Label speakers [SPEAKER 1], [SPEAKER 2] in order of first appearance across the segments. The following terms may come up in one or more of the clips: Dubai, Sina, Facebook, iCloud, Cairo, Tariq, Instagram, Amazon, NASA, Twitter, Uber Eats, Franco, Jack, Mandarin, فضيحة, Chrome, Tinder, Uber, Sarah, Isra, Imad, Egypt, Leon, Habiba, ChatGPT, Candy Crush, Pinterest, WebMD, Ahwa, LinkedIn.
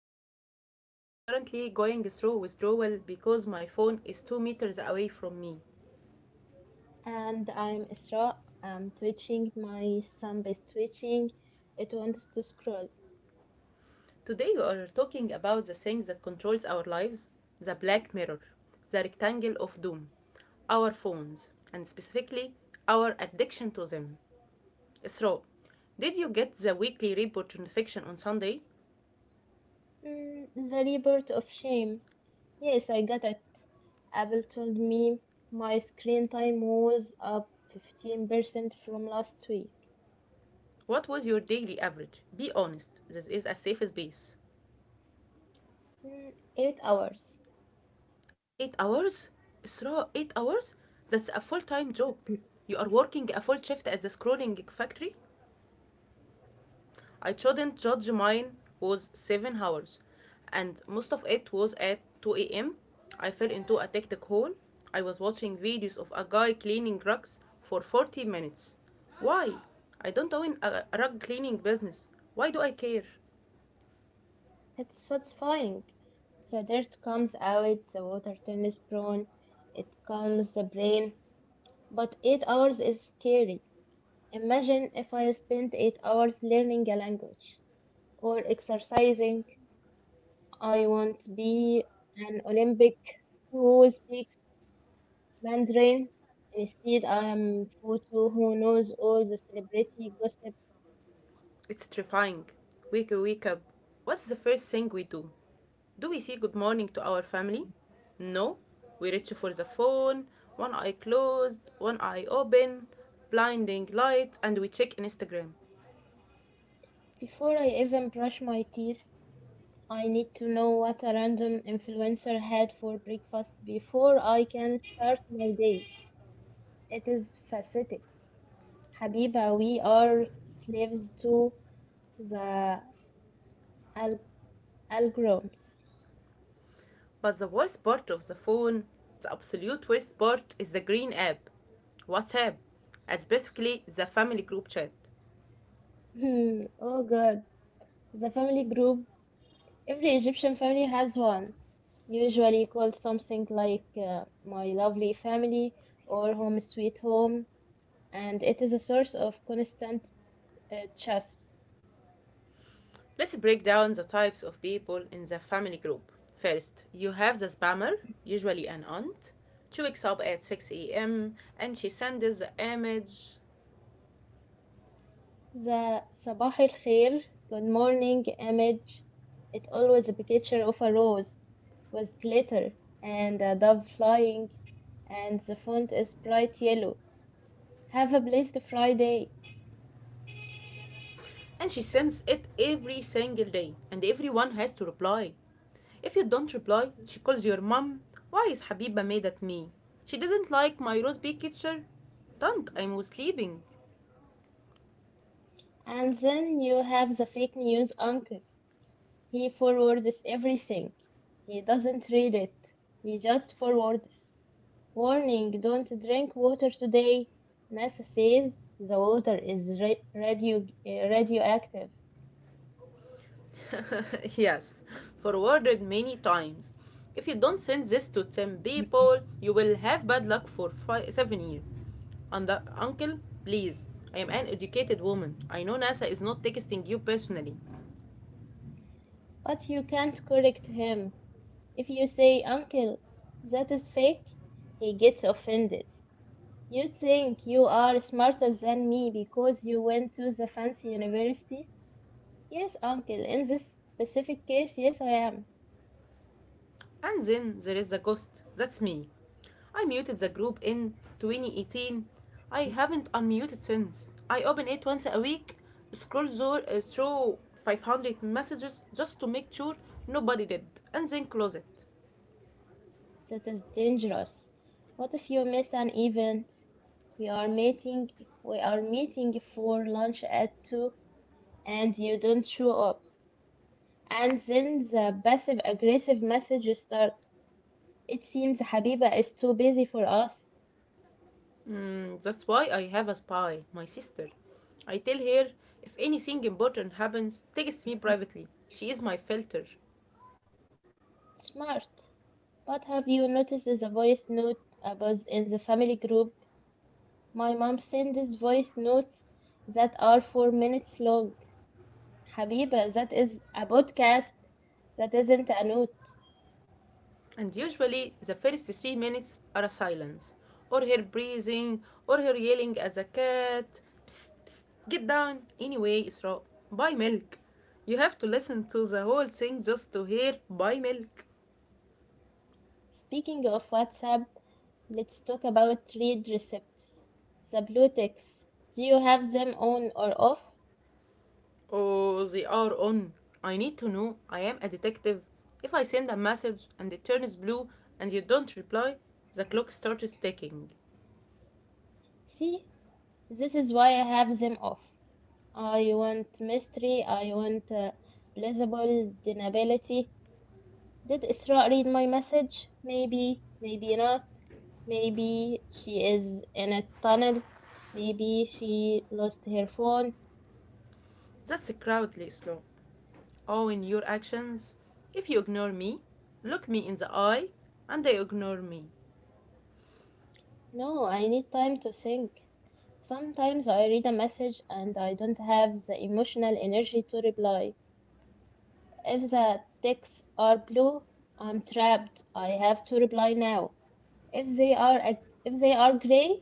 [SPEAKER 1] Habiba, and I am currently going through withdrawal because my phone is 2 meters away from me.
[SPEAKER 2] And I'm Isra. I'm twitching. My thumb is twitching. It wants to scroll.
[SPEAKER 1] Today we are talking about the things that controls our lives, the black mirror, the rectangle of doom, our phones, and specifically our addiction to them. Isra, did you get the weekly report notification on Sunday?
[SPEAKER 2] Mm, the rebirth of shame. Yes, I got it. Apple told me my screen time was up 15% from last week.
[SPEAKER 1] What was your daily average? Be honest, this is a safe space.
[SPEAKER 2] Mm, 8 hours.
[SPEAKER 1] 8 hours? Isra, 8 hours? That's a full time job. You are working a full shift at the scrolling factory? I shouldn't judge, mine was 7 hours, and most of it was at 2 a.m. I fell into a hectic hole. I was watching videos of a guy cleaning rugs for 40 minutes. Why? I don't own a rug cleaning business. Why do I care?
[SPEAKER 2] It's satisfying. The dirt comes out, the water turns brown, it calms the brain. But 8 hours is scary. Imagine if I spent 8 hours learning a language or exercising. I want to be an Olympic who speaks Mandarin. Instead, I am photo who knows all the celebrity gossip.
[SPEAKER 1] It's terrifying. Wake up. What's the first thing we do? Do we say good morning to our family? No. We reach for the phone, one eye closed, one eye open, blinding light, and we check Instagram.
[SPEAKER 2] Before I even brush my teeth, I need to know what a random influencer had for breakfast before I can start my day. It is fascinating. Habiba, we are slaves to the al- algorithms.
[SPEAKER 1] But the worst part of the phone, the absolute worst part, is the green app. WhatsApp. It's basically the family group chat.
[SPEAKER 2] Hmm, oh God. The family group. Every Egyptian family has one, usually called something like My Lovely Family or Home Sweet Home, and it is a source of constant chats.
[SPEAKER 1] Let's break down the types of people in the family group. First, you have the spammer, usually an aunt. She wakes up at 6 a.m. and she sends the image,
[SPEAKER 2] The Sabah al Khair, good morning image, it always a picture of a rose with glitter and a dove flying, and the font is bright yellow. Have a blessed Friday.
[SPEAKER 1] and she sends it every single day, and everyone has to reply. If you don't reply, she calls your mom. Why is Habiba made at me? She didn't like my rose big picture. Don't, I'm sleeping.
[SPEAKER 2] And then you have the fake news uncle. He forwards everything. He doesn't read it. He just forwards. Warning, don't drink water today. NASA says the water is uh, radioactive.
[SPEAKER 1] Yes, forwarded many times. If you don't send this to 10 people, you will have bad luck for five, 7 years. And the uncle, please, I am an educated woman. I know NASA is not texting you personally.
[SPEAKER 2] But you can't correct him. If you say, Uncle, that is fake, he gets offended. You think you are smarter than me because you went to the fancy university? Yes, Uncle, in this specific case, yes, I am.
[SPEAKER 1] And then there is the ghost. That's me. I muted the group in 2018. I haven't unmuted since. I open it once a week, through 500 messages just to make sure nobody did, and then close it.
[SPEAKER 2] That is dangerous. What if you miss an event? We are meeting we are meeting for lunch at 2 and you don't show up. And then the passive aggressive messages start. It seems Habiba is too busy for us.
[SPEAKER 1] Mm, that's why I have a spy, my sister. I tell her if anything important happens, text me privately. She is my filter.
[SPEAKER 2] Smart. But have you noticed the voice note above in the family group? My mom sends voice notes that are 4 minutes long. Habiba, that is a podcast. That isn't a note.
[SPEAKER 1] And usually, the first 3 minutes are a silence, or her breathing, or her yelling at the cat. Psst, psst, get down. Anyway, Isra, buy milk. You have to listen to the whole thing just to hear buy milk.
[SPEAKER 2] Speaking of WhatsApp, let's talk about read receipts. The blue ticks. Do you have them on or off?
[SPEAKER 1] Oh, they are on. I need to know. I am a detective. If I send a message and it turns blue and you don't reply, the clock starts ticking.
[SPEAKER 2] See, this is why I have them off. I want mystery, I want plausible deniability. Did Isra read my message? Maybe, maybe not. Maybe she is in a tunnel. Maybe she lost her phone.
[SPEAKER 1] That's a crowd, Slow. Oh, in your actions. If you ignore me, look me in the eye, and they ignore me.
[SPEAKER 2] No, I need time to think. Sometimes I read a message and I don't have the emotional energy to reply. If the texts are blue, I'm trapped. I have to reply now. If they are if they are gray,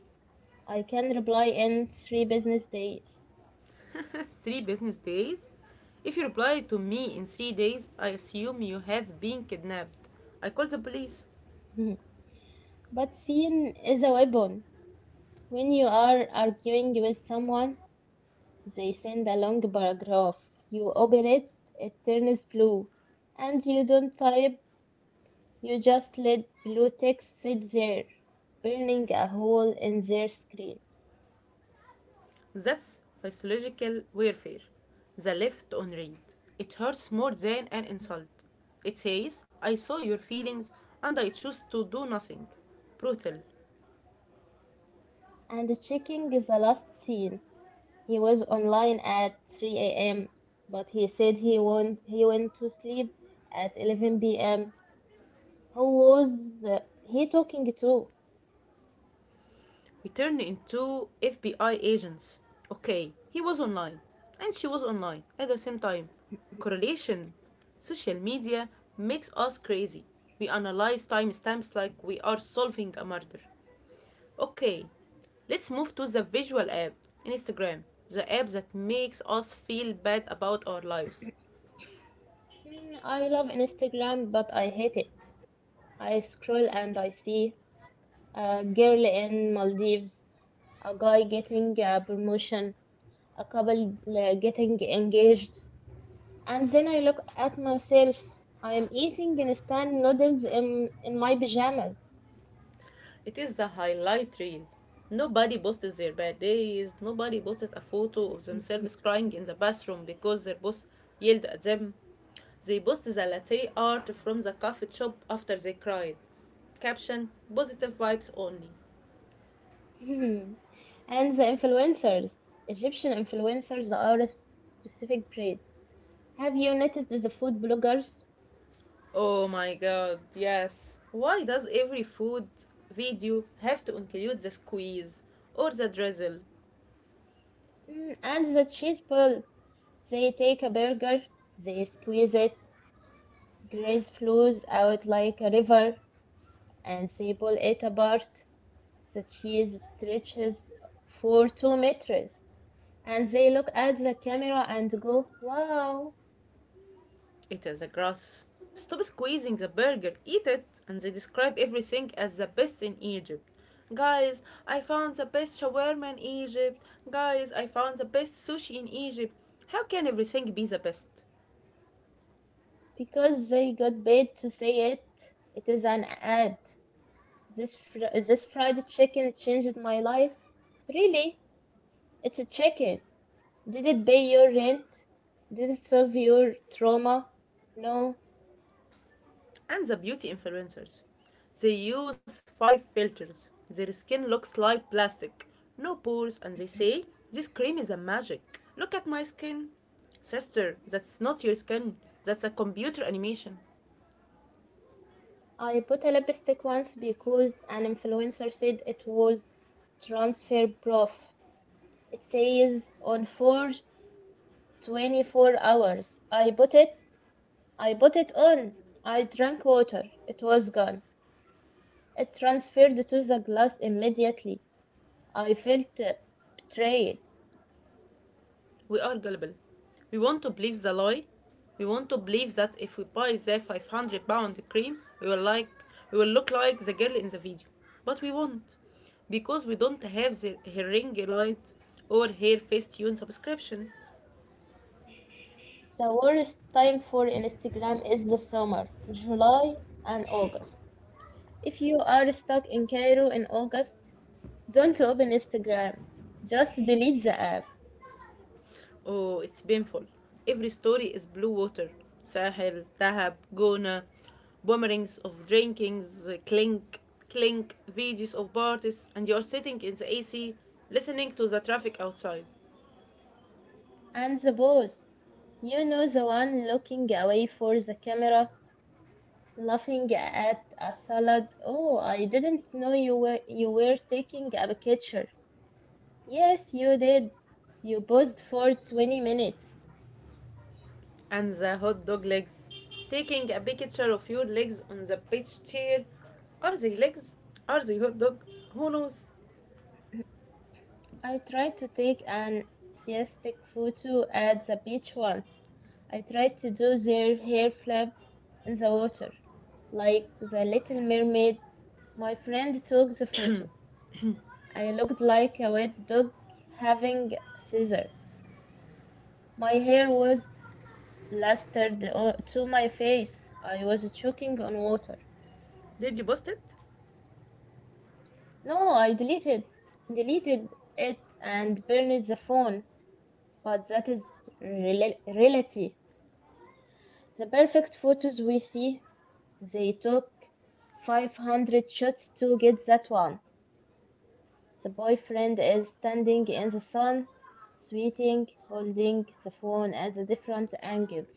[SPEAKER 2] I can reply in three business days.
[SPEAKER 1] Three business days? If you reply to me in 3 days, I assume you have been kidnapped. I call the police.
[SPEAKER 2] Hmm. But seeing is a weapon. When you are arguing with someone, they send a long paragraph. You open it, it turns blue, and you don't type. You just let blue text sit there, burning a hole in their screen.
[SPEAKER 1] That's physiological warfare. The left on read. It hurts more than an insult. It says, I saw your feelings and I chose to do nothing. Brutal.
[SPEAKER 2] And checking the last scene, he was online at 3 a.m., but he said he went to sleep at 11 p.m. Who was he talking to?
[SPEAKER 1] We turn into FBI agents. Okay, he was online and she was online at the same time. Correlation. Social media makes us crazy. We analyze timestamps like we are solving a murder. Okay, let's move to the visual app, Instagram, the app that makes us feel bad about our lives.
[SPEAKER 2] Hmm, I love Instagram, but I hate it. I scroll and I see a girl in Maldives, a guy getting a promotion, a couple getting engaged. And then I look at myself. I am eating instant noodles in my pajamas.
[SPEAKER 1] It is the highlight reel. Nobody posts their bad days, nobody posts a photo of themselves crying in the bathroom because their boss yelled at them. They post the latte art from the coffee shop after they cried. Caption, positive vibes only.
[SPEAKER 2] And the influencers, Egyptian influencers are a specific breed. Have you noticed the food bloggers?
[SPEAKER 1] Oh my god, yes. Why does every food video have to include the squeeze or the drizzle?
[SPEAKER 2] Mm, and the cheese pull. They take a burger, they squeeze it, grease flows out like a river, and they pull it apart. The cheese stretches for 2 meters. And they look at the camera and go, wow.
[SPEAKER 1] It is a gross. Stop squeezing the burger, eat it, and they describe everything as the best in Egypt. Guys, I found the best shawarma in Egypt. Guys, I found the best sushi in Egypt. How can everything be the best?
[SPEAKER 2] Because they got paid to say it. It is an ad. This fried chicken changed my life. Really? It's a chicken. Did it pay your rent? Did it solve your trauma? No.
[SPEAKER 1] And the beauty influencers. They use five filters. Their skin looks like plastic, no pores, and they say, this cream is a magic. Look at my skin. Sister, that's not your skin. That's a computer animation.
[SPEAKER 2] I bought a lipstick once because an influencer said it was transfer proof. It says on for 24 hours. I bought it. I bought it on. I drank water. It was gone. It transferred to the glass immediately. I felt betrayed.
[SPEAKER 1] We are gullible. We want to believe the lie. We want to believe that if we buy the 500 pound cream, we will look like the girl in the video. But we won't, because we don't have the her ring light or her face subscription.
[SPEAKER 2] The worst time for Instagram is the summer, July and August. If you are stuck in Cairo in August, don't open Instagram. Just delete the app
[SPEAKER 1] Oh, it's painful. Every story is blue water. Sahel, Dahab, Gona, boomerangs of drinkings, clink, clink, videos of parties, and you're sitting in the AC listening to the traffic outside.
[SPEAKER 2] and the pose. You know the one looking away for the camera, laughing at a salad. Oh, I didn't know you were taking a picture. Yes, you did. You paused for 20 minutes.
[SPEAKER 1] And the hot dog legs. Taking a picture of your legs on the beach chair. Are they legs? Are they hot dog? Who knows?
[SPEAKER 2] I tried to take an siestic photo at the beach once. I tried to do their hair flip in the water, like the little mermaid. My friend took the photo. I looked like a wet dog having scissor. My hair was plastered to my face. I was choking on water.
[SPEAKER 1] Did you post it?
[SPEAKER 2] No, I deleted it and burned the phone. But that is reality. The perfect photos we see, they took 500 shots to get that one. The boyfriend is standing in the sun, sweating, holding the phone at the different angles.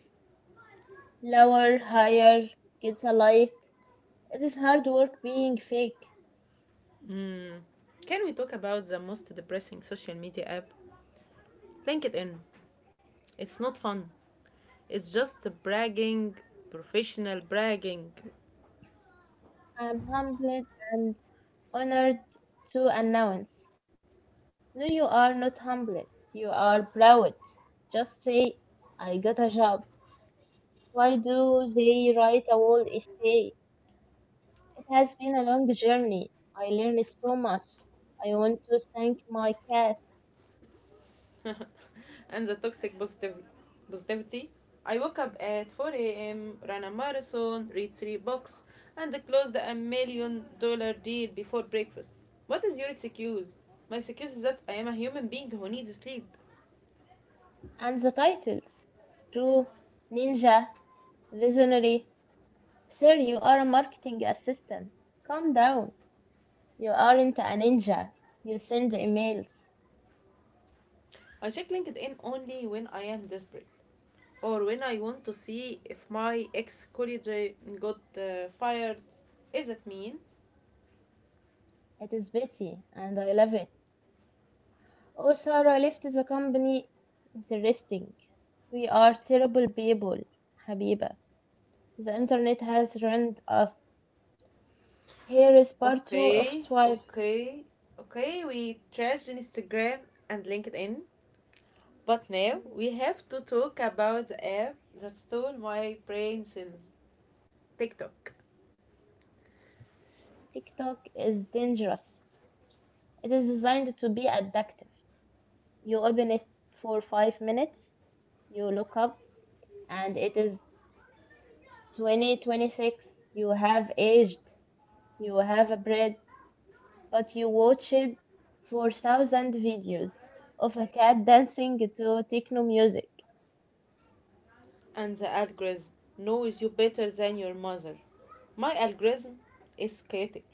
[SPEAKER 2] Lower, higher, gets a light. It is hard work being fake.
[SPEAKER 1] Can we talk about the most depressing social media app? LinkedIn. It's not fun. It's just bragging, professional bragging.
[SPEAKER 2] I am humbled and honored to announce. No, you are not humbled. You are proud. Just say, I got a job. Why do they write a whole essay? It has been a long journey. I learned so much. I want to thank my cat
[SPEAKER 1] And the positivity. I woke up at 4 a.m., ran a marathon, read three books, and closed $1 million deal before breakfast. What is your excuse? My excuse is that I am a human being who needs sleep.
[SPEAKER 2] and the titles. True, ninja, visionary. Sir, you are a marketing assistant. Calm down. You aren't a ninja. You send emails.
[SPEAKER 1] I check LinkedIn only when I am desperate, or when I want to see if my ex colleague got fired. Is that mean?
[SPEAKER 2] It is Betty, and I love it. Oh, Sarah left the company. Interesting. We are terrible people, Habiba. The internet has ruined us. Here is part two of
[SPEAKER 1] Okay,
[SPEAKER 2] Swipe.
[SPEAKER 1] okay, okay. We trashed Instagram and LinkedIn, but now we have to talk about the app that stole my brain cells, TikTok,
[SPEAKER 2] TikTok is dangerous. It is designed to be addictive. You open it for 5 minutes, you look up, and it is 2026. You have aged, you have a bread, but you watched 4,000 videos of a cat dancing to techno music.
[SPEAKER 1] and the algorithm knows you better than your mother. My algorithm is chaotic.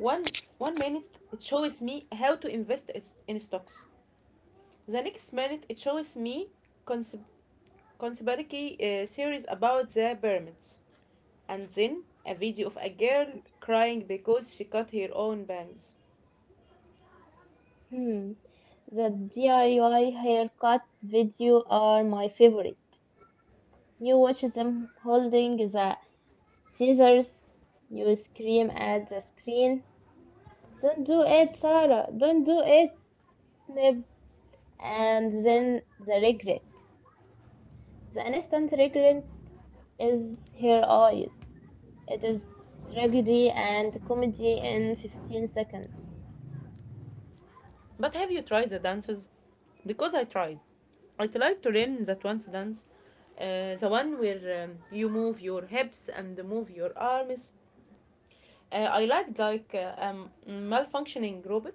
[SPEAKER 1] One one minute it shows me how to in stocks. The next minute it shows me conspiracy theories about the pyramids, and then a video of a girl crying because she cut her own bangs.
[SPEAKER 2] Hmm. The DIY haircut video are my favorite. You watch them holding the scissors. You scream at the screen. Don't do it, Sarah. Don't do it. Snip. And then the regret. The instant regret is her eyes. It is tragedy and comedy in 15 seconds.
[SPEAKER 1] But have you tried the dances? Because I tried. I tried to learn that one dance, the one where you move your hips and move your arms. I liked like malfunctioning robot.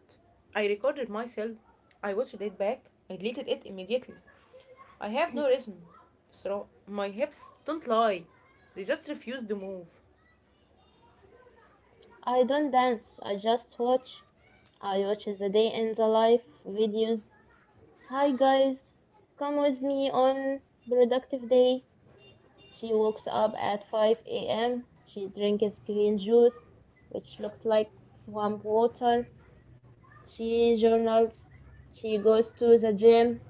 [SPEAKER 1] I recorded myself. I watched it back. I deleted it immediately. I have no rhythm, so my hips don't lie. They just refuse to move.
[SPEAKER 2] I don't dance. I just watch. I watch the day in the life videos. Hi guys, come with me on productive day. She wakes up at 5 a.m. She drinks green juice, which looks like swamp water. She journals. She goes to the gym.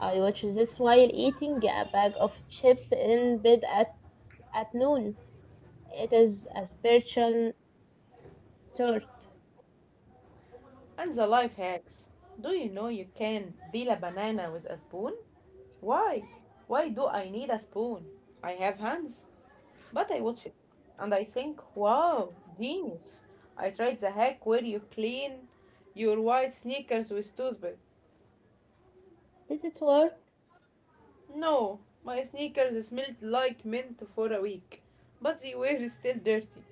[SPEAKER 2] I watch this while eating a bag of chips in bed at noon. It is a spiritual tort.
[SPEAKER 1] And the life hacks. Do you know you can peel a banana with a spoon? Why? Why do I need a spoon? I have hands. But I watch it and I think, wow, genius. I tried the hack where you clean your white sneakers with toothpaste.
[SPEAKER 2] Does it work?
[SPEAKER 1] No, my sneakers smelled like mint for a week, but they were still dirty.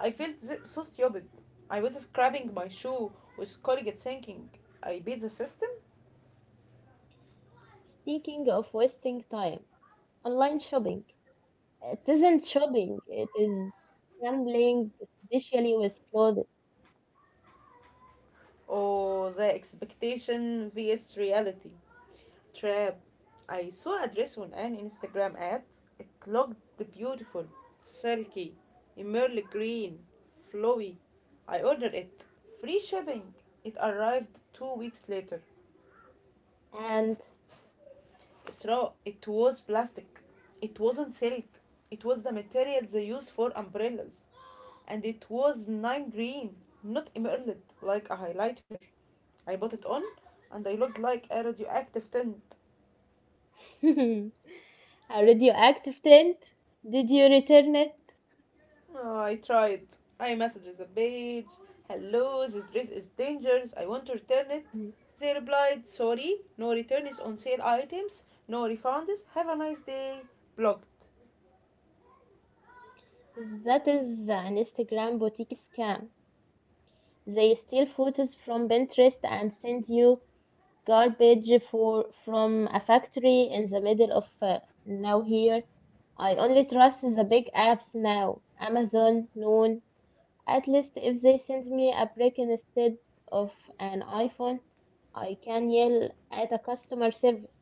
[SPEAKER 1] I felt so stupid. I was scrubbing my shoe with Colgate thinking, I beat the system?
[SPEAKER 2] Speaking of wasting time, online shopping. It isn't shopping, it is gambling, especially with clothes.
[SPEAKER 1] Or the expectation vs reality trap. I saw a dress on an Instagram ad. It looked beautiful, silky, emerald green, flowy. I ordered it. Free shipping. It arrived 2 weeks later.
[SPEAKER 2] And
[SPEAKER 1] Straw. It was plastic. It wasn't silk. It was the material they use for umbrellas. And it was nine green, not emerald, like a highlighter. I put it on and I looked like a radioactive tint.
[SPEAKER 2] a radioactive tent? Did you return it?
[SPEAKER 1] Ah, I tried. I messaged the page. Hello, this dress is dangerous. I want to return it.
[SPEAKER 2] Mm.
[SPEAKER 1] They replied, sorry, no return is on sale items, no refunds. Have a nice day. Blocked.
[SPEAKER 2] That is an Instagram boutique scam. They steal photos from Pinterest and send you garbage for from a factory in the middle of nowhere. I only trust the big apps now. Amazon, Noon. At least if they send me a brick instead of an iPhone, I can yell at a customer service.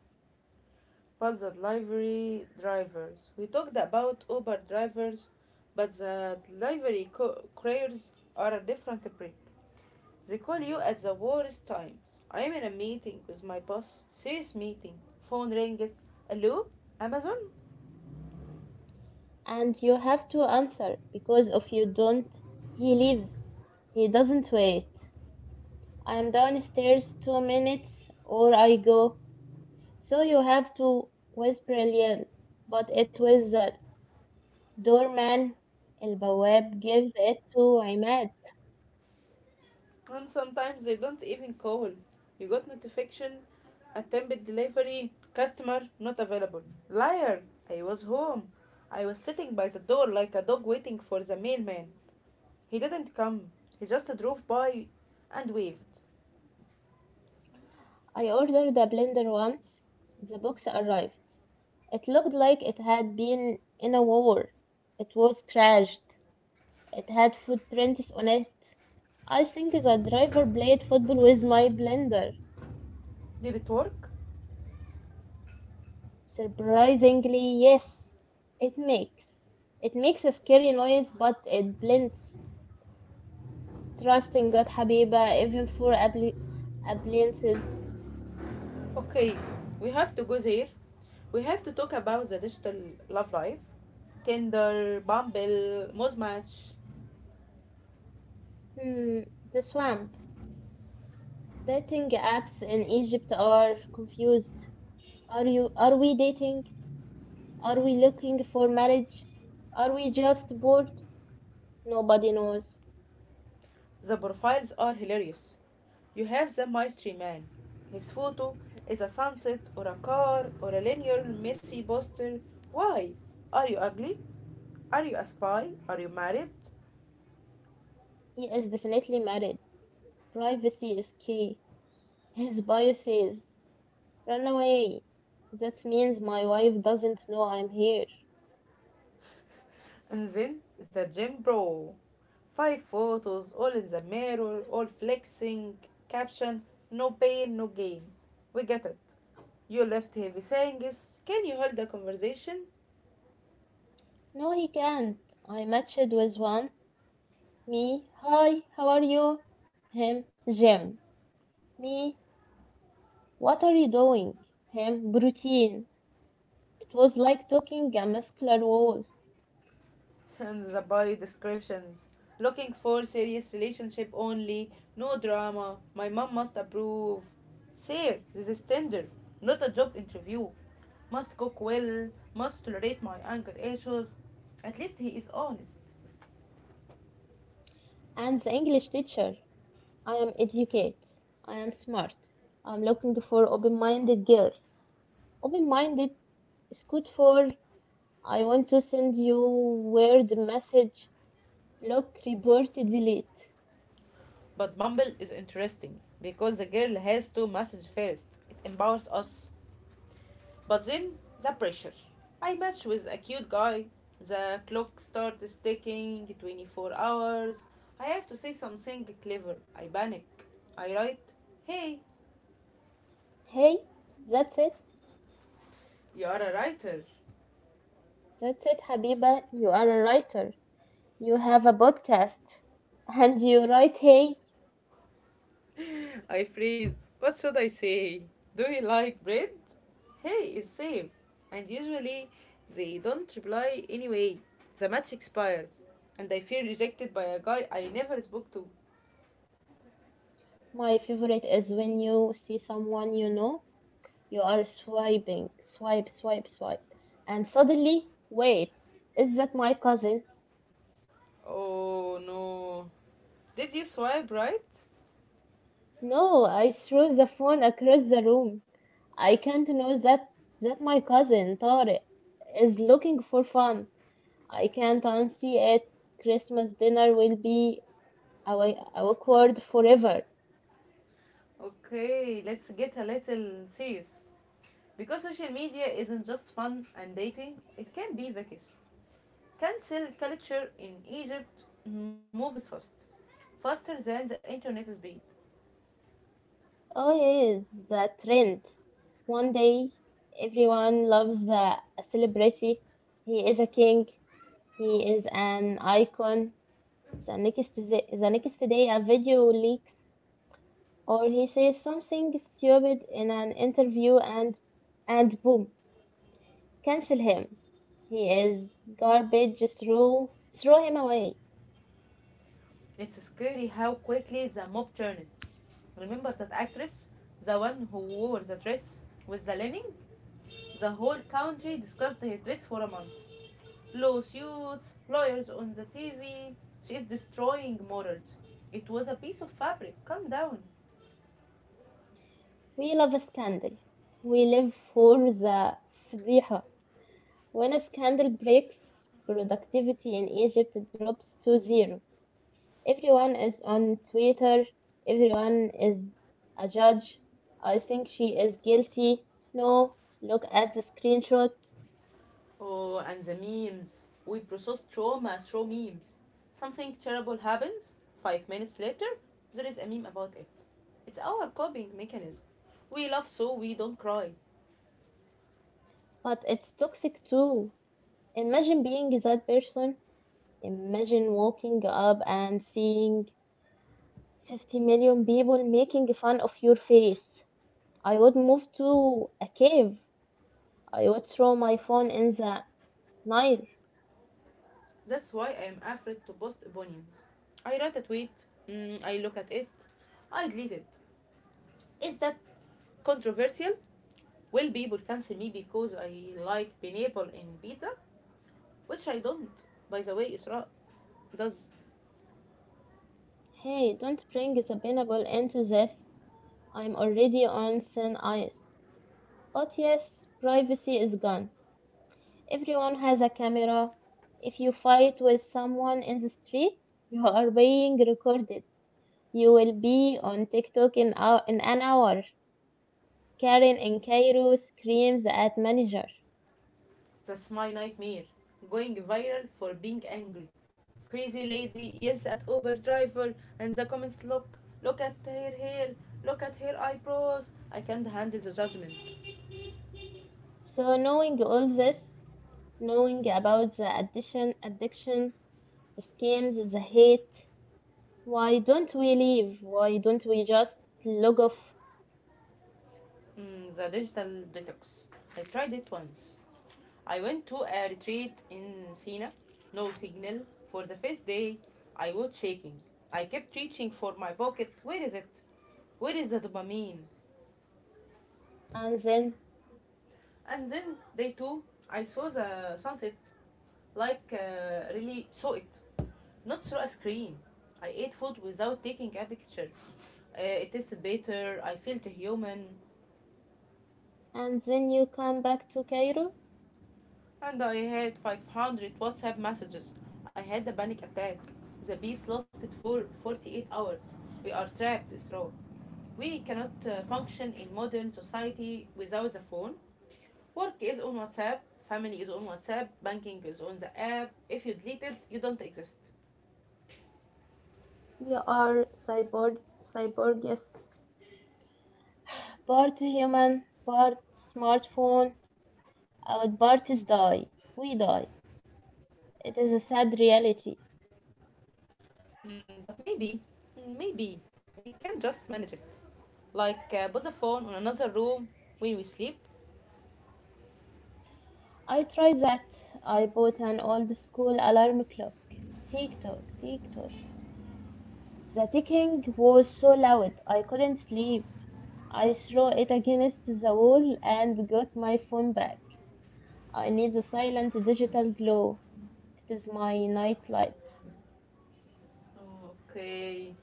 [SPEAKER 1] What's the delivery drivers? We talked about Uber drivers, but the couriers are a different breed. They call you at the worst times. I am in a meeting with my boss, serious meeting. Phone rings. Hello, Amazon?
[SPEAKER 2] And you have to answer because if you don't, he leaves. He doesn't wait. I'm downstairs 2 minutes or I go. So you have to whisper Leon, but it was the doorman. البواب gives it to Imad.
[SPEAKER 1] And sometimes they don't even call. You got notification, attempted delivery, customer not available. Liar! I was home. I was sitting by the door like a dog waiting for the mailman. He didn't come. He just drove by and waved.
[SPEAKER 2] I ordered a blender once. The box arrived. It looked like it had been in a war. It was crashed. It had footprints on it. I think that driver played football with my blender.
[SPEAKER 1] Did it work?
[SPEAKER 2] Surprisingly, yes, it makes. It makes a scary noise, but it blends. Trust in God, Habiba, even for appliances.
[SPEAKER 1] Okay, we have to go there. We have to talk about the digital love life. Tinder, Bumble, Mozmatch.
[SPEAKER 2] Hmm, the swamp. Dating apps in Egypt are confused. Are you? Are we dating? Are we looking for marriage? Are we just bored? Nobody knows.
[SPEAKER 1] The profiles are hilarious. You have the mystery man. His photo is a sunset or a car or a linear messy poster. Why? Are you ugly? Are you a spy? Are you married?
[SPEAKER 2] He is definitely married. Privacy is key. His bio says run away. That means my wife doesn't know I'm here.
[SPEAKER 1] And then the gym bro. Five photos, all in the mirror, all flexing. Caption, no pain, no gain. We get it. You left heavy sayings. Can you hold the conversation?
[SPEAKER 2] No, he can't. I matched with one. Me, hi, how are you? Him, Jim. Me, what are you doing? Him, routine. It was like talking a muscular wall.
[SPEAKER 1] And the bio descriptions. Looking for serious relationship only. No drama. My mom must approve. Sir, this is Tinder, not a job interview. Must cook well, must tolerate my anger issues. At least he is honest.
[SPEAKER 2] And the English teacher. I am educated. I am smart. I'm looking for open-minded girl. Open-minded is good for I want to send you weird message. Look, report, delete.
[SPEAKER 1] But Bumble is interesting because the girl has to message first. It empowers us. But then the pressure. I match with a cute guy. The clock starts ticking, 24 hours. I have to say something clever. I panic. I write, hey,
[SPEAKER 2] Hey, that's it.
[SPEAKER 1] you are a writer.
[SPEAKER 2] That's it, Habiba. You are a writer. You have a podcast. And you write, hey,
[SPEAKER 1] I freeze. What should I say? Do you like bread? Hey, it's safe. And usually they don't reply anyway. The match expires. And I feel rejected by a guy I never spoke to.
[SPEAKER 2] my favorite is when you see someone you know, you are swiping, swipe, swipe, swipe. And suddenly, wait, is that my cousin?
[SPEAKER 1] Oh no. Did you swipe right?
[SPEAKER 2] No, I threw the phone across the room. I can't know that my cousin, Tariq, is looking for fun. I can't unsee it. Christmas dinner will be awkward forever.
[SPEAKER 1] Okay, let's get a little serious. Because social media isn't just fun and dating, it can be vicious. Cancel culture in Egypt moves fast, faster than the internet speed.
[SPEAKER 2] Oh yes, the trend. One day, everyone loves the a celebrity. He is a king. He is an icon. The next day, a video leaks, or he says something stupid in an interview, and boom, cancel him. He is garbage. Throw him away.
[SPEAKER 1] It's scary how quickly the mob turns. Remember that actress? The one who wore the dress with the linen? The whole country discussed her dress for a month. Lawsuits, lawyers on the TV. She is destroying morals. It was a piece of fabric. Calm down.
[SPEAKER 2] We love a scandal. We live for the فضيحة. When a scandal breaks, productivity in Egypt drops to zero. Everyone is on Twitter, everyone is a judge. I think she is guilty. No, look at the screenshot.
[SPEAKER 1] Oh, and the memes. We process trauma through memes. Something terrible happens. 5 minutes later, there is a meme about it. It's our coping mechanism. We laugh so we don't cry.
[SPEAKER 2] But it's toxic too. Imagine being that person. Imagine waking up and seeing 50 million people making fun of your face. I would move to a cave. I would throw my phone in the night.
[SPEAKER 1] That's why I am afraid to post opinions. I write a tweet, I look at it, I delete it. Is that controversial? Will people cancel me because I like pineapple in pizza? Which I don't. By the way, Isra does.
[SPEAKER 2] Hey, don't bring Sabinable into this. I'm already on thin ice. But yes, privacy is gone. Everyone has a camera. If you fight with someone in the street, you are being recorded. You will be on TikTok in, in an hour. Karen in Cairo screams at manager.
[SPEAKER 1] That's my nightmare. Going viral for being angry. Crazy lady yells at Uber driver, and the comments look, look at her hair, look at her eyebrows. I can't handle the judgment.
[SPEAKER 2] So knowing all this, knowing about the addiction, the scams, the hate, why don't we leave? Why don't we just log off
[SPEAKER 1] The digital detox. I tried it once. I went to a retreat in Sina, no signal. For the first day, I was shaking. I kept reaching for my pocket. Where is it? Where is the dopamine?
[SPEAKER 2] and then
[SPEAKER 1] And then day two, I saw the sunset, like really saw it, not through a screen. I ate food without taking a picture. It tasted better. I felt human.
[SPEAKER 2] and then you come back to Cairo?
[SPEAKER 1] And I had 500 WhatsApp messages. I had a panic attack. The beast lasted for 48 hours. We are trapped, Isra. We cannot function in modern society without the phone. Work is on WhatsApp, family is on WhatsApp, banking is on the app. If you delete it, you don't exist.
[SPEAKER 2] We are cyborgs, part human, part smartphone. Our parties die. We die. It is a sad reality.
[SPEAKER 1] But maybe we can just manage it. Like put the phone on another room when we sleep.
[SPEAKER 2] I tried that. I bought an old school alarm clock. Tick tock, tick tock. The ticking was so loud I couldn't sleep. I threw it against the wall and got my phone back. I need the silent digital glow. It is my night light.
[SPEAKER 1] Okay.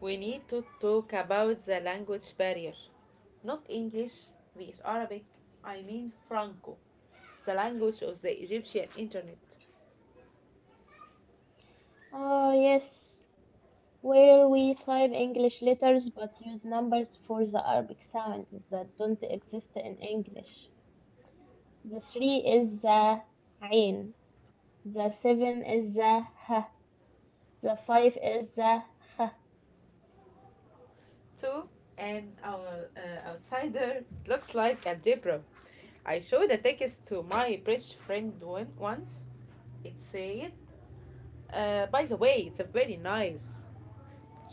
[SPEAKER 1] We need to talk about the language barrier. Not English, with Arabic, I mean Franco, the language of the Egyptian internet.
[SPEAKER 2] Ah, yes, where we type English letters but use numbers for the Arabic sounds that don't exist in English. The three is the ain, the seven is the ha, the five is the ha.
[SPEAKER 1] To an outsider, it looks like algebra. I showed a text to my British friend once. It said, by the way, it's a very nice.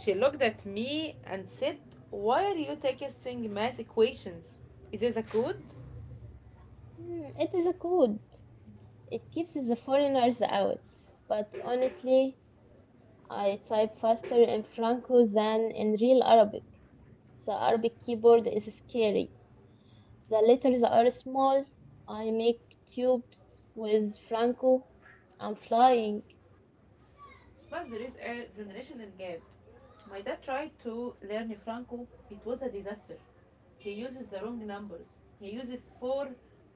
[SPEAKER 1] She looked at me and said, why are you texting math equations? Is this a code?
[SPEAKER 2] Hmm, it is a code. It keeps the foreigners out, but honestly, I type faster in Franco than in real Arabic. The Arabic keyboard is scary. The letters are small. I make tubes with Franco. I'm flying.
[SPEAKER 1] Plus, there is a generational gap. My dad tried to learn Franco. It was a disaster. He uses the wrong numbers. He uses four,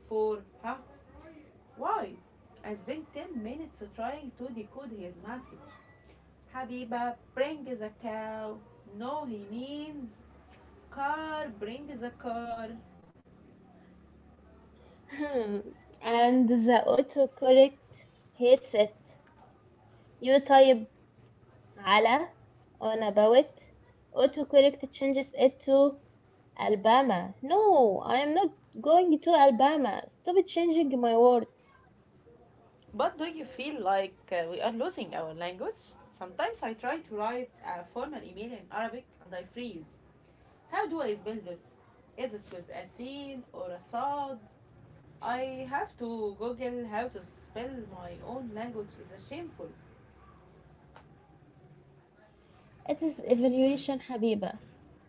[SPEAKER 1] four, huh? Why? I spent 10 minutes trying to decode his message. Habiba, bring the cow. No, he means car, bring the car.
[SPEAKER 2] And the autocorrect hates it. You type "Ala" on about. It. Autocorrect changes it to Alabama. No, I am not going to Alabama. Stop changing my words.
[SPEAKER 1] But do you feel like we are losing our language? Sometimes I try to write a formal email in Arabic and I freeze. How do I spell this? Is it with a sin or a sad? I have to Google how to spell my own language is a shameful.
[SPEAKER 2] It is evaluation, Habiba.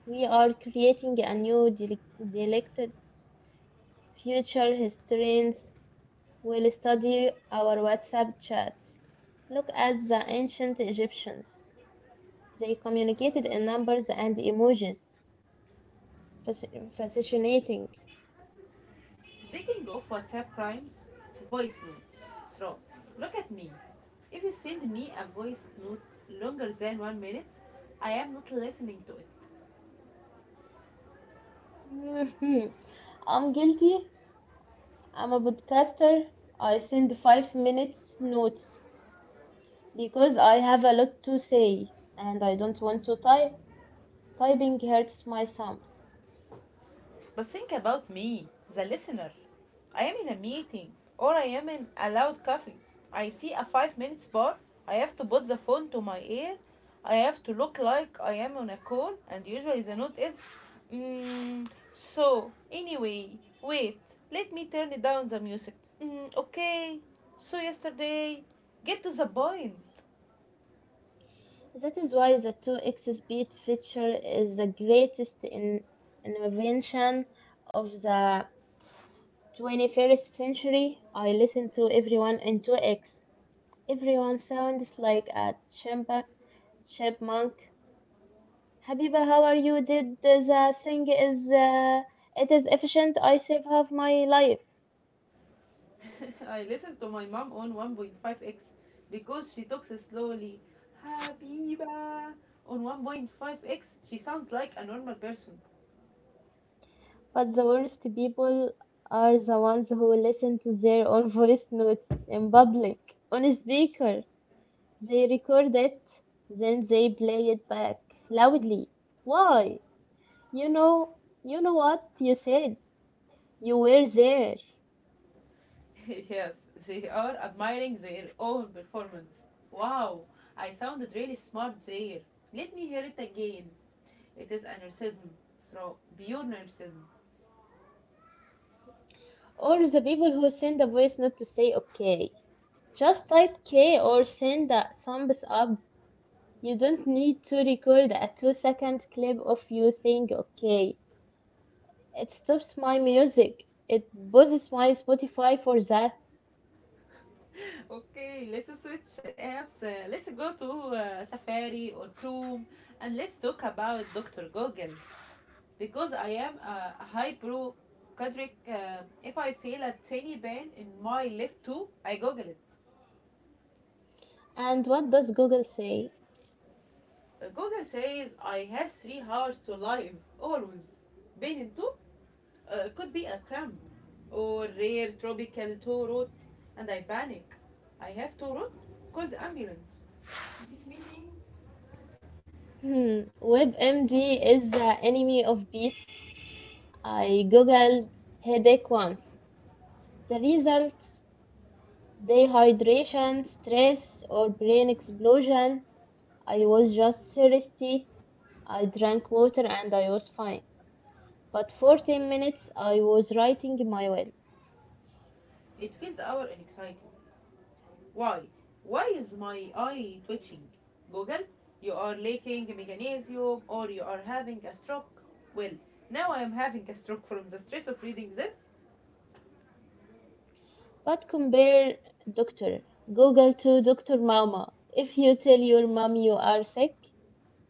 [SPEAKER 2] We are creating a new dialected future historians will study our WhatsApp chats. Look at the ancient Egyptians. They communicated in numbers and emojis. Fascinating.
[SPEAKER 1] Speaking of WhatsApp crimes, voice notes. Throw. Look at me. If you send me a voice note longer than 1 minute, I am not listening to it.
[SPEAKER 2] Mhm. I'm guilty. I'm a podcaster. I send 5 minute notes because I have a lot to say and I don't want to type. Typing hurts my thumbs.
[SPEAKER 1] But think about me, the listener. I am in a meeting or I am in a loud cafe. I see a 5 minutes bar. I have to put the phone to my ear. I have to look like I am on a call, and usually the note is, mm, so anyway, wait, let me turn down the music. Okay, so yesterday, get to the point.
[SPEAKER 2] That is why the 2x speed feature is the greatest in invention of the 21st century. I listen to everyone in 2x. Everyone sounds like a chipmunk. Habiba, how are you? Did the thing is it is efficient. I save half my life.
[SPEAKER 1] I listen to my mom on 1.5x because she talks slowly. Habiba! On 1.5x, she sounds like a normal person.
[SPEAKER 2] But the worst people are the ones who listen to their own voice notes in public on a speaker. They record it, then they play it back loudly. Why? You know, you know what you said. You were there.
[SPEAKER 1] Yes, they are admiring their own performance. Wow, I sounded really smart there. Let me hear it again. It is a narcissism, so pure narcissism.
[SPEAKER 2] Or the people who send a voice note to say okay. Just type K or send a thumbs up. You don't need to record a 2 second clip of you saying okay. It stops my music. It pauses my Spotify for that.
[SPEAKER 1] Okay, let's switch apps. Let's go to Safari or Chrome, and let's talk about Dr. Google. Because I am a hyper if I feel a tiny pain in my left toe, I Google it.
[SPEAKER 2] And what does Google say?
[SPEAKER 1] Google says I have 3 hours to live, always. Pain in toe? Could be a cramp or rare tropical toe rot, and I panic. I have toe rot? Call the ambulance.
[SPEAKER 2] Hmm, WebMD is the enemy of peace. I googled headache once. The results dehydration, stress, or brain explosion. I was just thirsty. I drank water and I was fine. But for 10 minutes, I was writing my will.
[SPEAKER 1] It feels our anxiety. Why? Why is my eye twitching? Google, you are lacking magnesium or you are having a stroke. Well, now I am having a stroke from the stress of reading this.
[SPEAKER 2] But compare Dr. Google to Dr. Mama. If you tell your mom you are sick,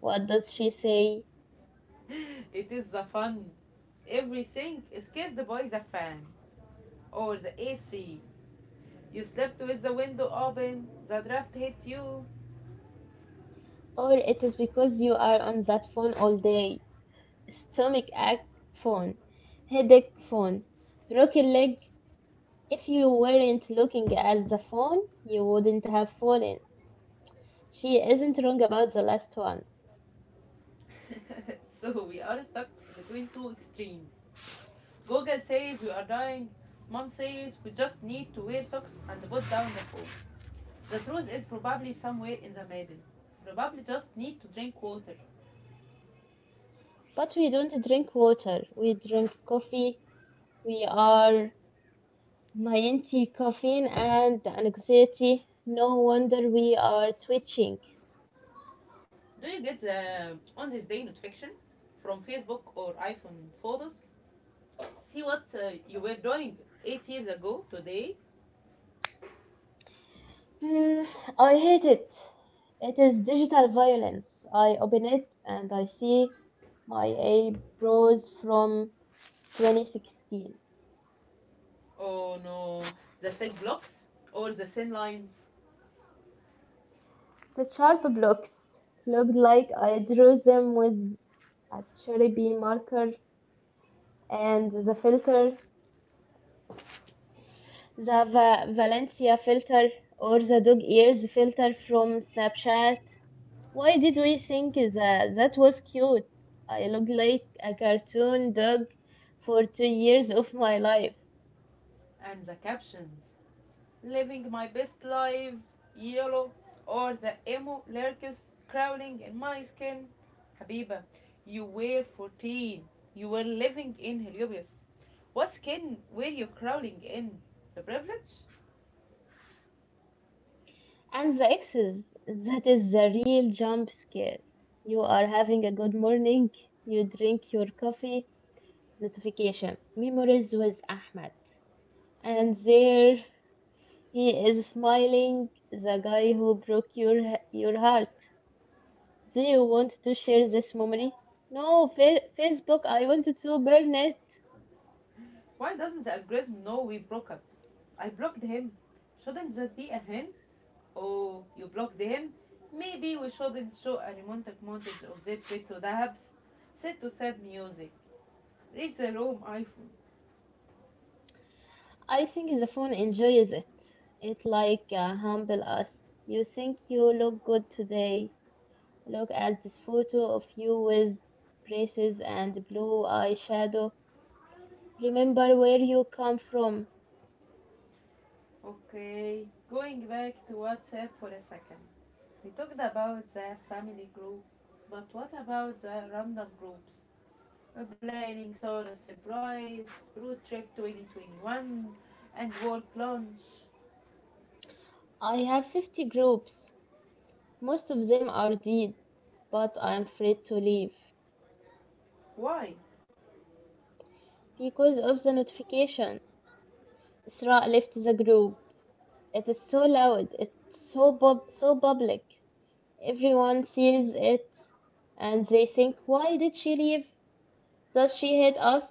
[SPEAKER 2] what does she say?
[SPEAKER 1] It is the fun. Everything is kissed by the fan or the AC. You slept with the window open, the draft hit you.
[SPEAKER 2] Or it is because you are on that phone all day. Stomach ache phone, headache phone, broken leg. If you weren't looking at the phone, you wouldn't have fallen. She isn't wrong about the last one.
[SPEAKER 1] So we are stuck between two extremes. Google says we are dying. Mom says we just need to wear socks and put down the phone. The truth is probably somewhere in the middle. Probably just need to drink water.
[SPEAKER 2] But we don't drink water, we drink coffee. We are anti caffeine and anxiety. No wonder we are twitching.
[SPEAKER 1] Do you get the on this day notification from Facebook or iPhone photos? See what you were doing 8 years ago today.
[SPEAKER 2] Hmm, I hate it. It is digital violence. I open it and I see my eyebrows from 2016.
[SPEAKER 1] Oh no, the sick blocks or the sin lines,
[SPEAKER 2] The sharp blocks looked like I drew them with a Sharpie marker and the filter, the Valencia filter or the dog ears filter from Snapchat. Why did we think that was cute? I looked like a cartoon dog for 2 years of my life.
[SPEAKER 1] and the captions. Living my best life, yellow, or the emo lurkers crawling in my skin. Habiba, you were 14. You were living in Heliobis. What skin were you crawling in? The privilege?
[SPEAKER 2] And the exes, that is the real jump scare. You are having a good morning, you drink your coffee, notification. Memories with Ahmed. And there he is smiling, the guy who broke your heart. Do you want to share this memory? No, Facebook, I wanted to burn it.
[SPEAKER 1] Why doesn't the algorithm know we broke up? I blocked him. Shouldn't that be a hint? Oh, you blocked him? Maybe we shouldn't show a romantic montage of their trip to the Habs. Set to sad music. Read the room, iPhone.
[SPEAKER 2] I think the phone enjoys it. It humble us. You think you look good today. Look at this photo of you with braces and blue eyeshadow. Remember where you come from.
[SPEAKER 1] Okay, going back to WhatsApp for a second. We talked about the family group, but what about the random groups? We're planning Sora's surprise, road trip 2021, and work lunch.
[SPEAKER 2] I have 50 groups. Most of them are dead, but I'm afraid to leave
[SPEAKER 1] Why?
[SPEAKER 2] because of the notification. Isra left the group. It is so loud. It's so so public. Everyone sees it, and they think, why did she leave? Does she hate us?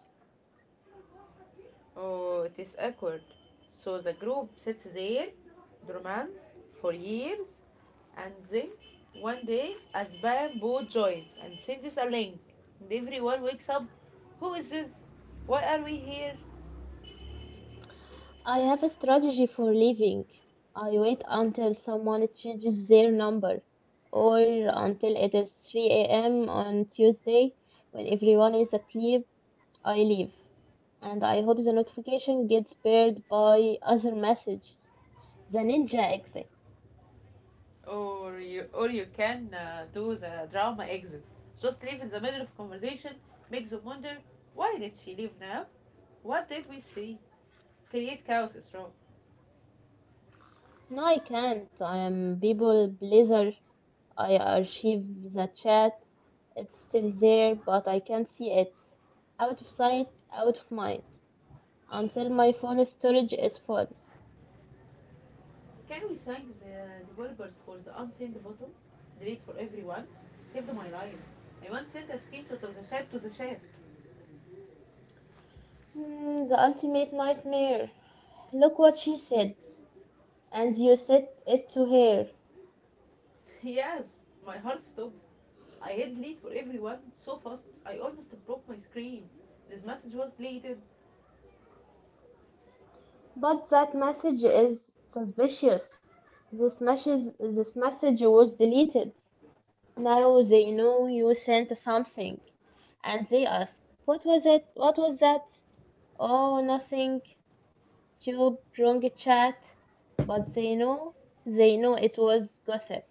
[SPEAKER 1] Oh, it is awkward. So the group sits there, Roman, for years, and then one day Azban Bo joins and sends a link, and everyone wakes up. Who is this? Why are we here?
[SPEAKER 2] I have a strategy for leaving. I wait until someone changes their number, or until it is 3 a.m. on Tuesday when everyone is asleep. I leave. And I hope the notification gets paired by other messages. The ninja exit.
[SPEAKER 1] Or you can do the drama exit. Just leave in the middle of conversation, make them wonder, why did she leave now? What did we see? Create chaos is wrong.
[SPEAKER 2] No, I can't. I am people pleaser. I archive the chat. It's still there, but I can't see it. Out of sight, out of mind. Until my phone storage is full.
[SPEAKER 1] Can we thank the developers for the unseen bottom? Delete for everyone. Saved my life. I once sent a screenshot of the chat to the chat.
[SPEAKER 2] Hmm, the ultimate nightmare. Look what she said, and you said it to her.
[SPEAKER 1] Yes, my heart stopped. I hit delete for everyone so fast I almost broke my screen. This message was deleted.
[SPEAKER 2] But that message is suspicious. This message was deleted. Now they know you sent something, and they ask, what was it? What was that? Oh, nothing. Tube, wrong chat. But they know it was gossip.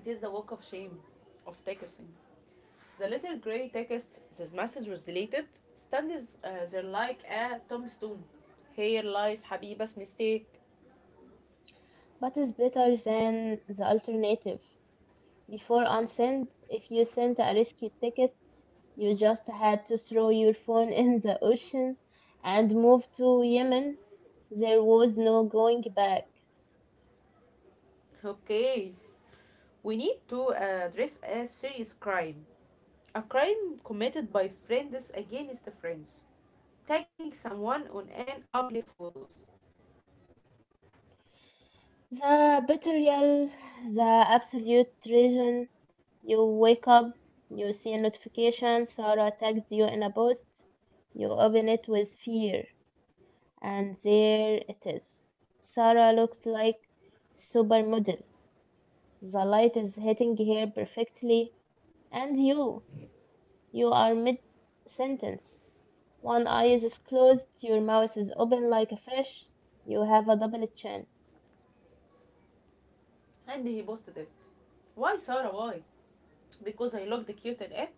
[SPEAKER 1] It is the walk of shame of texting. The little grey text "this message was deleted" stands there like a tombstone. Here lies Habiba's mistake.
[SPEAKER 2] But it's better than the alternative. Before unsend, if you sent a risky ticket, you just had to throw your phone in the ocean and move to Yemen. There was no going back.
[SPEAKER 1] Okay, we need to address a serious crime. A crime committed by friends against friends. Tagging someone on an ugly photos.
[SPEAKER 2] The betrayal, the absolute treason, you wake up, you see a notification, Sarah tags you in a post, you open it with fear, and there it is. Sarah looks like supermodel. The light is hitting her perfectly, and you are mid sentence. One eye is closed, your mouth is open like a fish, you have a double chin.
[SPEAKER 1] And he posted it. Why, Sarah? Why? Because I looked cute in it?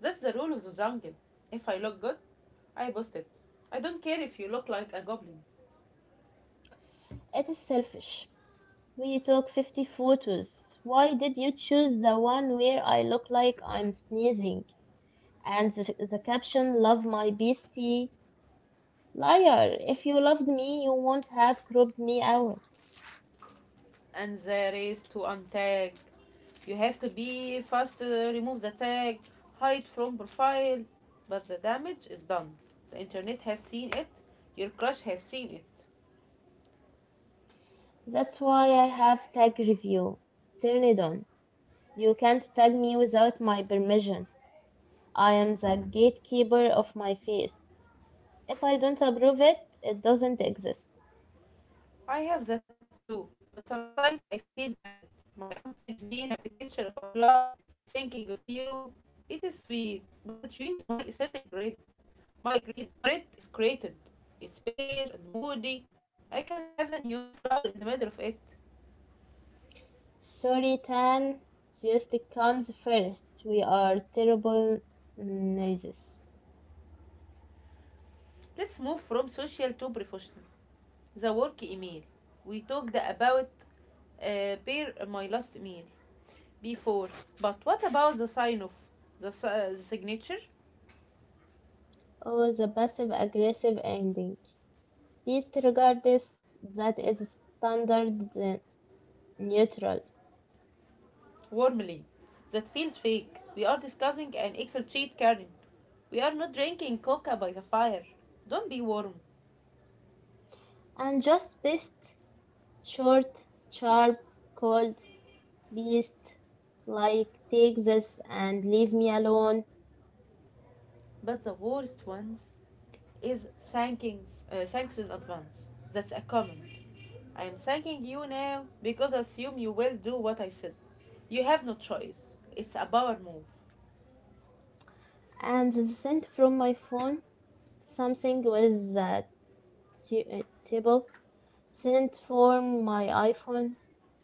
[SPEAKER 1] That's the rule of the jungle. If I look good, I post it. I don't care if you look like a goblin.
[SPEAKER 2] It is selfish. We took 50 photos. Why did you choose the one where I look like I'm sneezing? And the caption, love my beastie. Liar, if you loved me, you won't have cropped me out.
[SPEAKER 1] And there is to untag. You have to be fast, remove the tag, hide from profile. But the damage is done. The internet has seen it. Your crush has seen it.
[SPEAKER 2] That's why I have tag review. Turn it on. You can't tag me without my permission. I am the gatekeeper of my face. If I don't approve it, it doesn't exist.
[SPEAKER 1] I have that too, but sometimes I feel bad. My aunt tags me in a picture of a flower, thinking of you. It is sweet, but it ruins my aesthetic grid. My grid is created, it's beige and moody. I cannot have a neon flower in the middle of it.
[SPEAKER 2] Sorry, Tan. Seriously comes first. We are terrible noises.
[SPEAKER 1] Let's move from social to professional. The work email. We talked about bear my last email before, but what about the sign off, the signature?
[SPEAKER 2] Oh, the passive aggressive ending. This regard this that is standard neutral
[SPEAKER 1] Warmly. That feels fake. We are discussing an Excel sheet, Karen. We are not drinking coca by the fire. Don't be warm.
[SPEAKER 2] and just best short, sharp, cold, least like take this and leave me alone
[SPEAKER 1] But the worst ones is thanks in advance. That's a comment. I am thanking you now because I assume you will do what I said. You have no choice. It's a power move.
[SPEAKER 2] and sent from my phone something with that t- uh, table sent from my iPhone.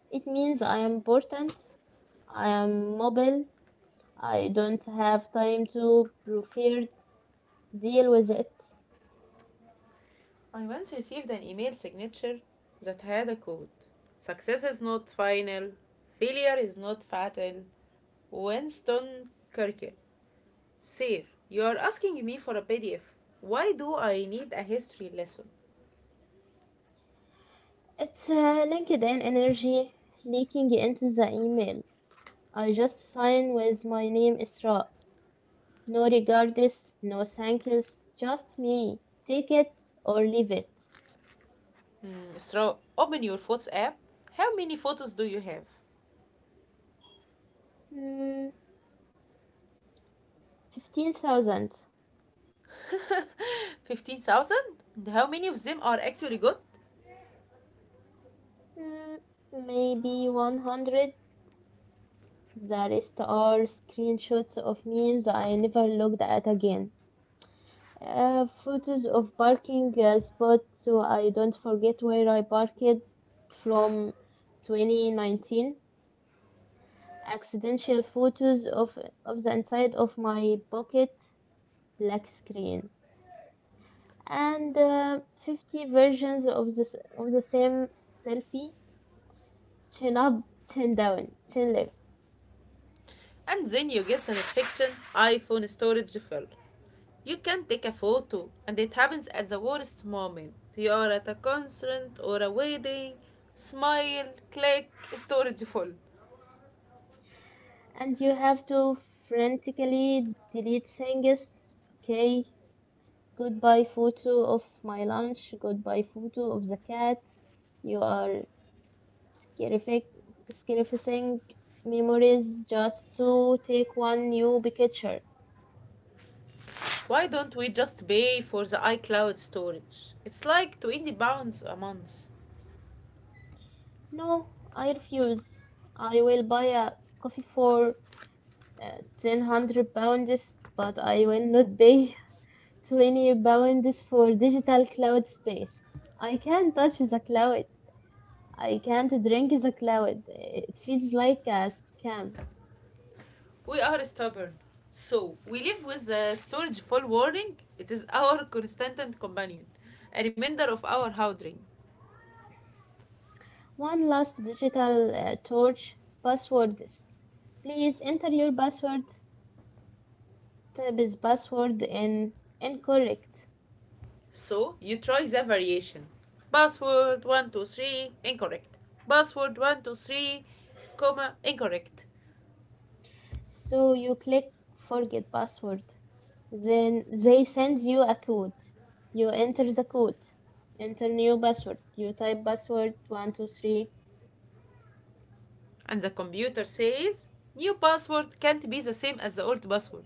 [SPEAKER 2] It means I am important, I am mobile, I don't have time to prefer deal with it.
[SPEAKER 1] I once received an email signature that had a quote, success is not final, failure is not fatal. Winston Churchill. Sir, you are asking me for a PDF. Why do I need a history lesson?
[SPEAKER 2] It's LinkedIn energy leaking into the emails. I just sign with my name Isra. No regards, no thank yous, just me. Take it or leave it.
[SPEAKER 1] Isra, open your photos app. How many photos do you have?
[SPEAKER 2] Hmm, 15,000.
[SPEAKER 1] 15,000? How many of them are actually good?
[SPEAKER 2] Hmm, maybe 100. The rest are screenshots of memes I never looked at again. Photos of parking spots so I don't forget where I parked from 2019. Accidental photos of, the inside of my pocket black screen and 50 versions of of the same selfie chin up chin down chin left
[SPEAKER 1] And then you get the notification, iPhone storage full. You can take a photo, and it happens at the worst moment. You are at a concert or a wedding, smile, click, storage full.
[SPEAKER 2] and you have to frantically delete things okay goodbye photo of my lunch goodbye photo of the cat you are scarific scarifying memories just to take one new picture.
[SPEAKER 1] Why don't we just pay for the iCloud storage? It's like £20 a month.
[SPEAKER 2] No, I refuse. I will buy a coffee for uh, 1,000 pounds, but I will not pay 20 pounds for digital cloud space. I can't touch the cloud. I can't drink the cloud. It feels like a scam.
[SPEAKER 1] We are stubborn. So, we live with the storage full warning. It is our constant companion, a reminder of our howdring.
[SPEAKER 2] One last digital torch passwords. Please enter your password. Type is password in incorrect.
[SPEAKER 1] So you try the variation. Password 123, incorrect. Password 123, comma, incorrect.
[SPEAKER 2] So you click forget password. Then they send you a code. You enter the code, enter new password. You type password 123.
[SPEAKER 1] And the computer says new password can't be the same as the old password.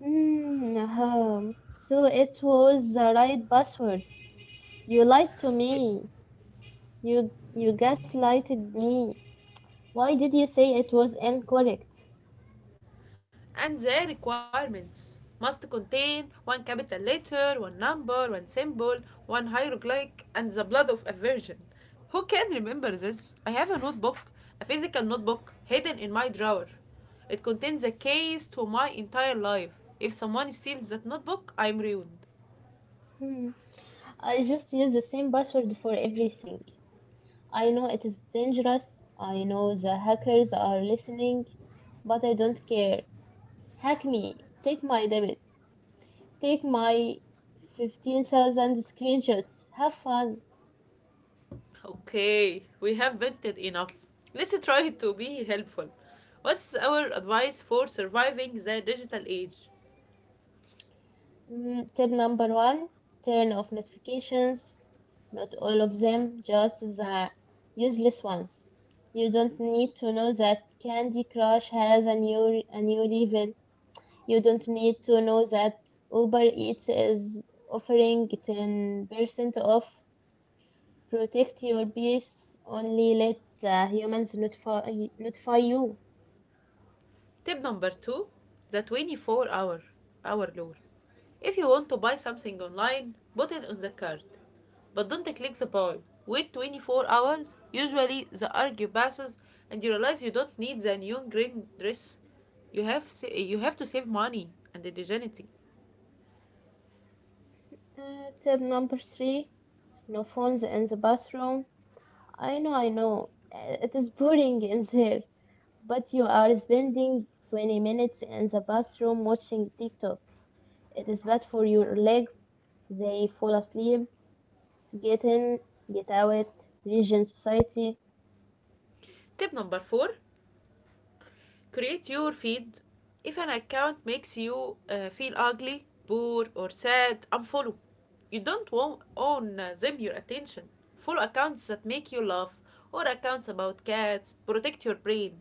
[SPEAKER 2] Hmm. Ahem. So it was the right password. You lied to
[SPEAKER 1] You,
[SPEAKER 2] me. You gaslighted me. Why did you say it was incorrect?
[SPEAKER 1] and their requirements must contain one capital letter, one number, one symbol, one hieroglyph, and the blood of a virgin. Who can remember this? I have a notebook, a physical notebook, hidden in my drawer. It contains the keys to my entire life. If someone steals that notebook, I'm ruined.
[SPEAKER 2] Hmm. I just use the same password for everything. I know it is dangerous. I know the hackers are listening, but I don't care. Hack me. Take my debit. Take my 15,000 screenshots. Have fun.
[SPEAKER 1] Okay, we have vented enough. Let's try to be helpful. What's our advice for surviving the digital age?
[SPEAKER 2] Mm, tip number one, turn off notifications. Not all of them, just the useless ones. You don't need to know that Candy Crush has a new level. You don't need to know that Uber Eats is offering 10% off. Protect your peace. Only let the humans notify you.
[SPEAKER 1] Tip number two, the 24 hour rule. If you want to buy something online, put it on the cart. But don't click the buy. Wait 24 hours. Usually the urge passes and you realize you don't need the new green dress. You have you have to save money and the dignity.
[SPEAKER 2] Uh, tip number three, no phones in the bathroom. I know. It is boring in there, but you are spending 20 minutes in the bathroom watching TikTok. It is bad for your legs. They fall asleep. Get in, get out. Region society.
[SPEAKER 1] Tip number 4, create your feed. If an account makes you feel ugly, poor, or sad, unfollow. You don't want own them your attention. Follow accounts that make you laugh, or accounts about cats. Protect your brain.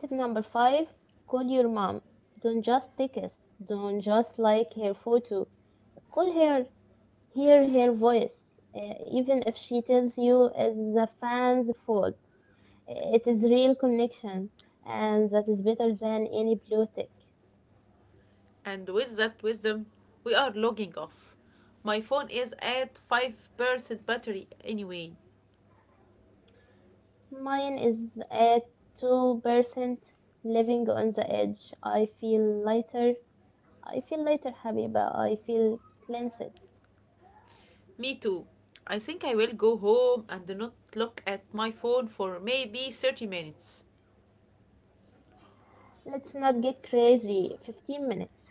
[SPEAKER 2] Tip number five, call your mom. Don't just text. Don't just like her photo. Call her. Hear her voice. Even if she tells you it's the fan's fault it is real connection, and that is better than any blue tick.
[SPEAKER 1] And with that wisdom, we are logging off. My phone is at 5% battery anyway.
[SPEAKER 2] Mine is at 2%, living on the edge. I feel lighter. I feel lighter, Habiba. I feel cleansed.
[SPEAKER 1] Me too. I think I will go home and not look at my phone for maybe 30 minutes.
[SPEAKER 2] Let's not get crazy. 15 minutes.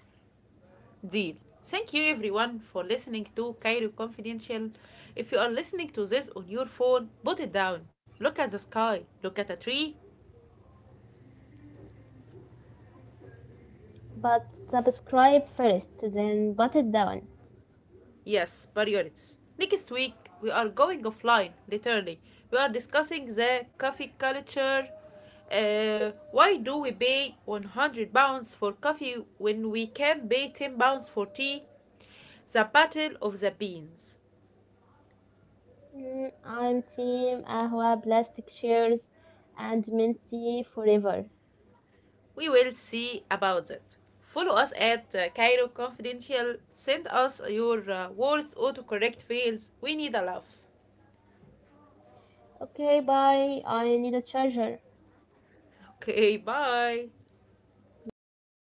[SPEAKER 1] Deal. Thank you, everyone, for listening to Cairo Confidential. If you are listening to this on your phone, put it down. Look at the sky. Look at a tree.
[SPEAKER 2] But subscribe first, then put it down.
[SPEAKER 1] Yes, priorities. Next week, we are going offline, literally. We are discussing the coffee culture. Why do we pay £100 for coffee when we can pay £10 for tea? The battle of the beans.
[SPEAKER 2] Mm, I'm Team Ahwa Plastic chairs, and Minty forever.
[SPEAKER 1] We will see about that. Follow us at Cairo Confidential. Send us your worst autocorrect fails. We need a laugh.
[SPEAKER 2] Okay, bye. I need a charger.
[SPEAKER 1] Okay, bye.
[SPEAKER 2] Bye.